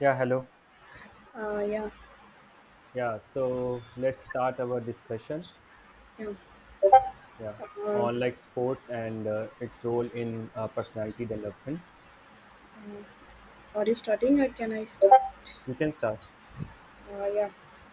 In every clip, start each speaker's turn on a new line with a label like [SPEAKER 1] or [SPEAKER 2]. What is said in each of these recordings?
[SPEAKER 1] Yeah, hello.
[SPEAKER 2] Uh, yeah,
[SPEAKER 1] Yeah, so let's start our discussion.
[SPEAKER 2] yeah.
[SPEAKER 1] Yeah,
[SPEAKER 2] Uh,
[SPEAKER 1] on like sports and its role in personality development.
[SPEAKER 2] are you starting or can I start?
[SPEAKER 1] You can start.
[SPEAKER 2] Uh, yeah,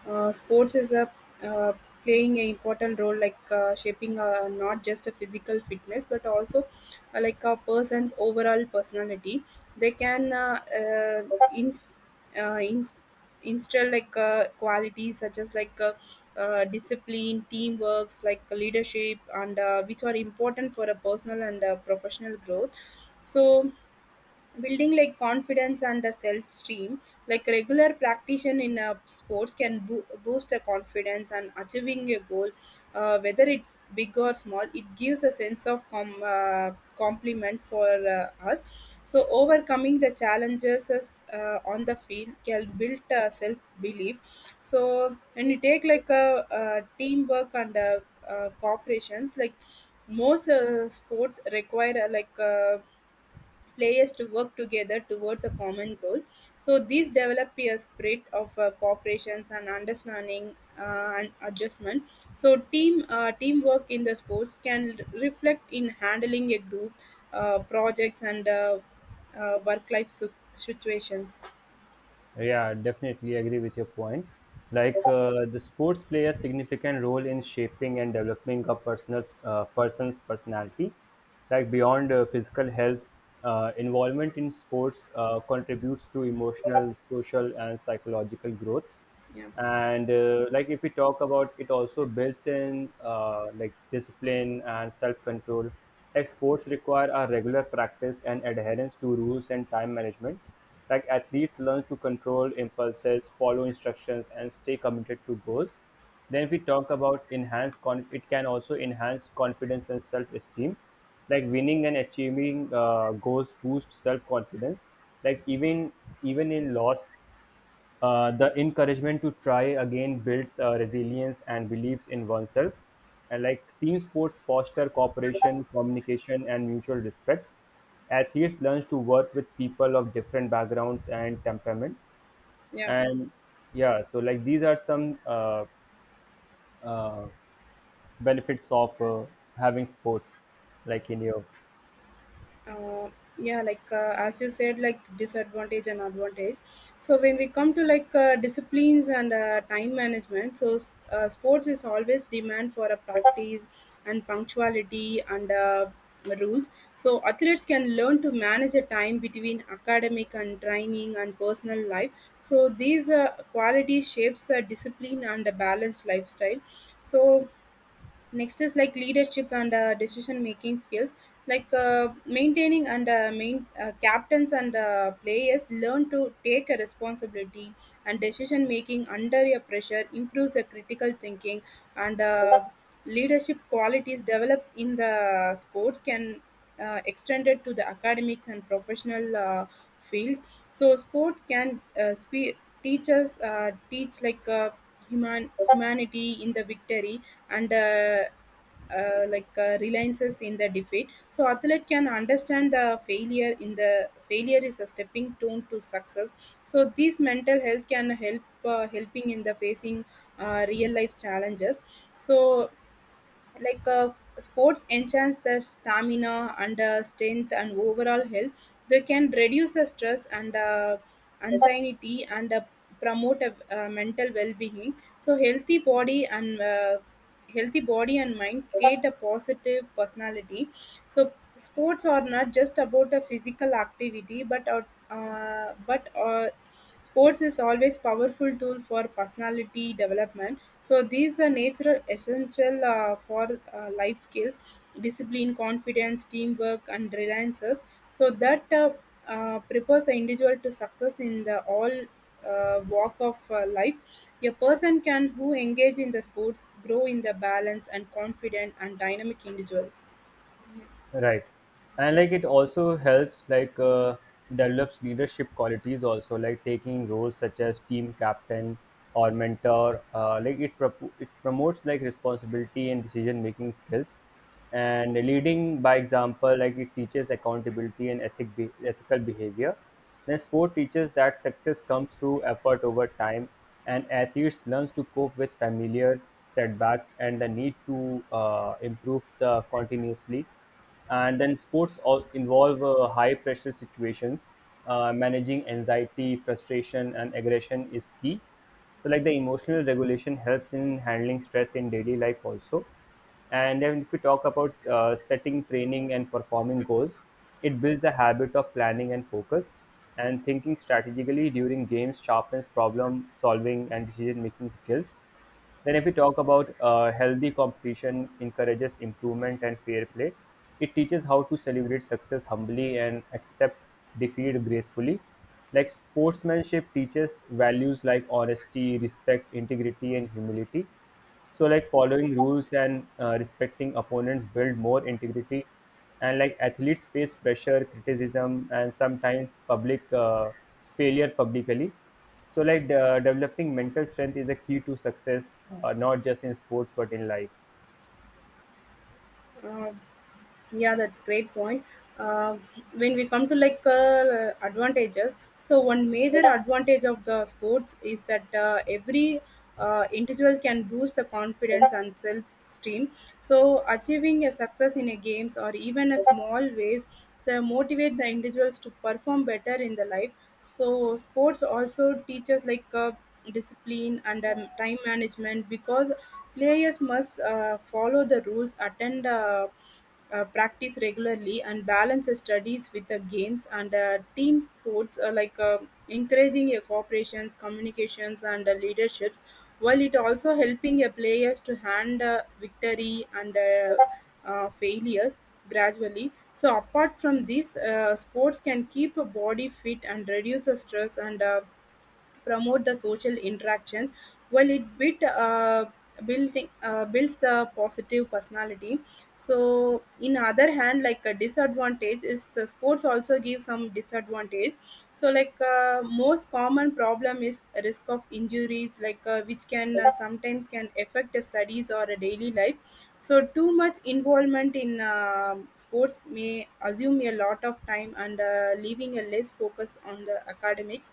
[SPEAKER 2] sports is a uh, playing an important role, like shaping not just a physical fitness, but also like a person's overall personality. They can inst- uh, inst- instill like qualities such as like discipline, teamwork, like leadership, and which are important for a personal and professional growth. So building like confidence and a self-esteem, like regular practice in sports can boost a confidence and achieving a goal, whether it's big or small, it gives a sense of compliment for us. So overcoming the challenges is, on the field can build self-belief. So when you take like a teamwork and corporations, like most sports require players to work together towards a common goal. So these develop a spirit of cooperation and understanding and adjustment. So teamwork in the sports can reflect in handling a group projects and work life situations.
[SPEAKER 1] Yeah, definitely agree with your point. Like the sports play a significant role in shaping and developing a person's personality. Like beyond physical health, involvement in sports contributes to emotional, social, and psychological growth.
[SPEAKER 2] Yeah,
[SPEAKER 1] And like if we talk about, it also builds in like discipline and self-control. Like sports require a regular practice and adherence to rules and time management. Like athletes learn to control impulses, follow instructions, and stay committed to goals. Then if we talk about it can also enhance confidence and self-esteem, like winning and achieving goals boost self-confidence. Like even in loss, the encouragement to try again builds resilience and beliefs in oneself. And like team sports foster cooperation, communication, and mutual respect. Athletes learn to work with people of different backgrounds and temperaments.
[SPEAKER 2] yeah.
[SPEAKER 1] And yeah, so like these are some uh, benefits of having sports, like in your.
[SPEAKER 2] uh, yeah like as you said, like disadvantage and advantage. So when we come to like disciplines and time management, so sports is always demand for a practice and punctuality and rules. So athletes can learn to manage a time between academic and training and personal life. So these qualities shapes the discipline and a balanced lifestyle. So next is like leadership and decision making skills, like maintaining and main captains and players learn to take a responsibility, and decision making under a pressure improves the critical thinking, and leadership qualities developed in the sports can extended to the academics and professional field. So sport can teach us, teach like humanity in the victory, and reliances in the defeat. So athlete can understand the failure in the failure is a stepping stone to success. So this mental health can help helping in the facing real life challenges. So like uh, sports enhance the stamina and strength and overall health. They can reduce the stress and anxiety and promote a mental well-being. So healthy body and mind create a positive personality. So sports are not just about a physical activity, but sports is always powerful tool for personality development. So these are natural essential for life skills: discipline, confidence, teamwork, and reliances. So that prepares the individual to success in the all walk of life. A person can who engage in the sports grow in the balance and confident and dynamic individual.
[SPEAKER 1] Right. And like it also helps, like develops leadership qualities also, like taking roles such as team captain or mentor. Like it it promotes like responsibility and decision making skills, and leading by example. Like it teaches accountability and ethical behavior. Then sport teaches that success comes through effort over time, and athletes learns to cope with familiar setbacks and the need to improve the continuously. And then sports all involve high pressure situations. Managing anxiety, frustration, and aggression is key, so like the emotional regulation helps in handling stress in daily life also. And then if we talk about setting training and performing goals, it builds a habit of planning and focus, and thinking strategically during games sharpens problem solving and decision making skills. Then, if we talk about healthy competition, encourages improvement and fair play. It teaches how to celebrate success humbly and accept defeat gracefully. Like sportsmanship teaches values like honesty, respect, integrity, and humility. So, like following rules and respecting opponents build more integrity. And like athletes face pressure, criticism, and sometimes public failure publicly, so like the developing mental strength is a key to success, not just in sports but in life.
[SPEAKER 2] Uh, Yeah, that's great point. Uh, when we come to like advantages, so one major advantage of the sports is that every individual can boost the confidence and self-esteem. So achieving a success in a games or even a small ways so motivate the individuals to perform better in the life. So sports also teaches like discipline and time management because players must follow the rules, attend, practice regularly and balance the studies with the games. And team sports, like encouraging your cooperations, communications and leaderships, while it also helping your players to hand victory and failures gradually. So apart from this, sports can keep a body fit and reduce the stress and promote the social interaction, while it bit building builds the positive personality. So in other hand, like a disadvantage is, sports also give some disadvantage. So like most common problem is risk of injuries, like which can sometimes can affect the studies or a daily life. So too much involvement in sports may assume a lot of time and leaving a less focus on the academics.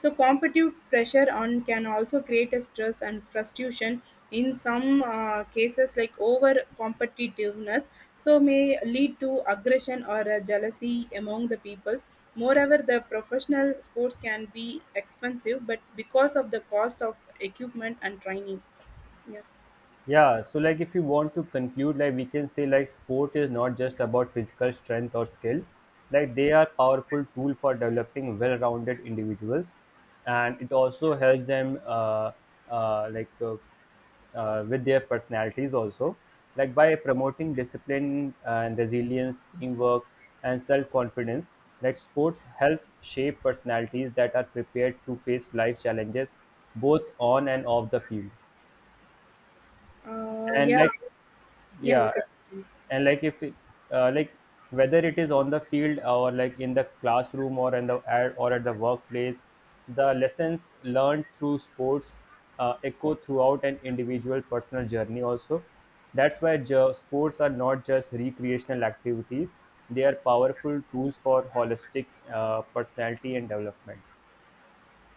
[SPEAKER 2] So competitive pressure on can also create a stress and frustration in some cases, like over competitiveness, so may lead to aggression or jealousy among the peoples. Moreover, the professional sports can be expensive but because of the cost of equipment and training. Yeah.
[SPEAKER 1] Yeah, so like if you want to conclude, like we can say like sport is not just about physical strength or skill. Like they are powerful tool for developing well-rounded individuals, and it also helps them uh, like uh, with their personalities also. Like by promoting discipline and resilience, teamwork, and self-confidence, like sports help shape personalities that are prepared to face life challenges both on and off the field.
[SPEAKER 2] uh,
[SPEAKER 1] And
[SPEAKER 2] yeah
[SPEAKER 1] like
[SPEAKER 2] yeah you
[SPEAKER 1] yeah,
[SPEAKER 2] can.
[SPEAKER 1] and like if it, like whether it is on the field or like in the classroom or in the or at the workplace, the lessons learned through sports echo throughout an individual personal journey also. That's why sports are not just recreational activities, they are powerful tools for holistic personality and development.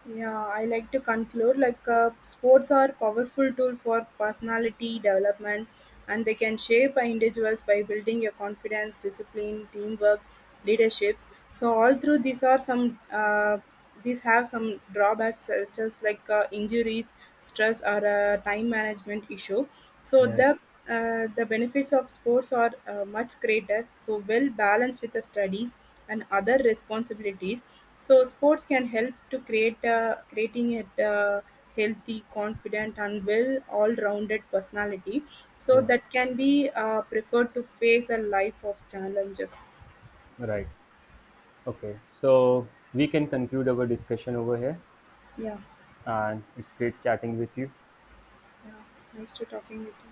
[SPEAKER 2] Yeah, I like to conclude like sports are powerful tool for personality development, and they can shape individuals by building your confidence, discipline, teamwork, leaderships. So all through these are some these have some drawbacks, such as like injuries, stress or time management issue. So
[SPEAKER 1] Yeah.
[SPEAKER 2] the benefits of sports are much greater. So well balanced with the studies and other responsibilities. So sports can help to create creating a healthy, confident, and well all-rounded personality. So
[SPEAKER 1] Yeah,
[SPEAKER 2] that can be preferred to face a life of challenges.
[SPEAKER 1] right. Okay, so we can conclude our discussion over here,
[SPEAKER 2] Yeah.
[SPEAKER 1] and it's great chatting with you.
[SPEAKER 2] Yeah, nice to talking with you.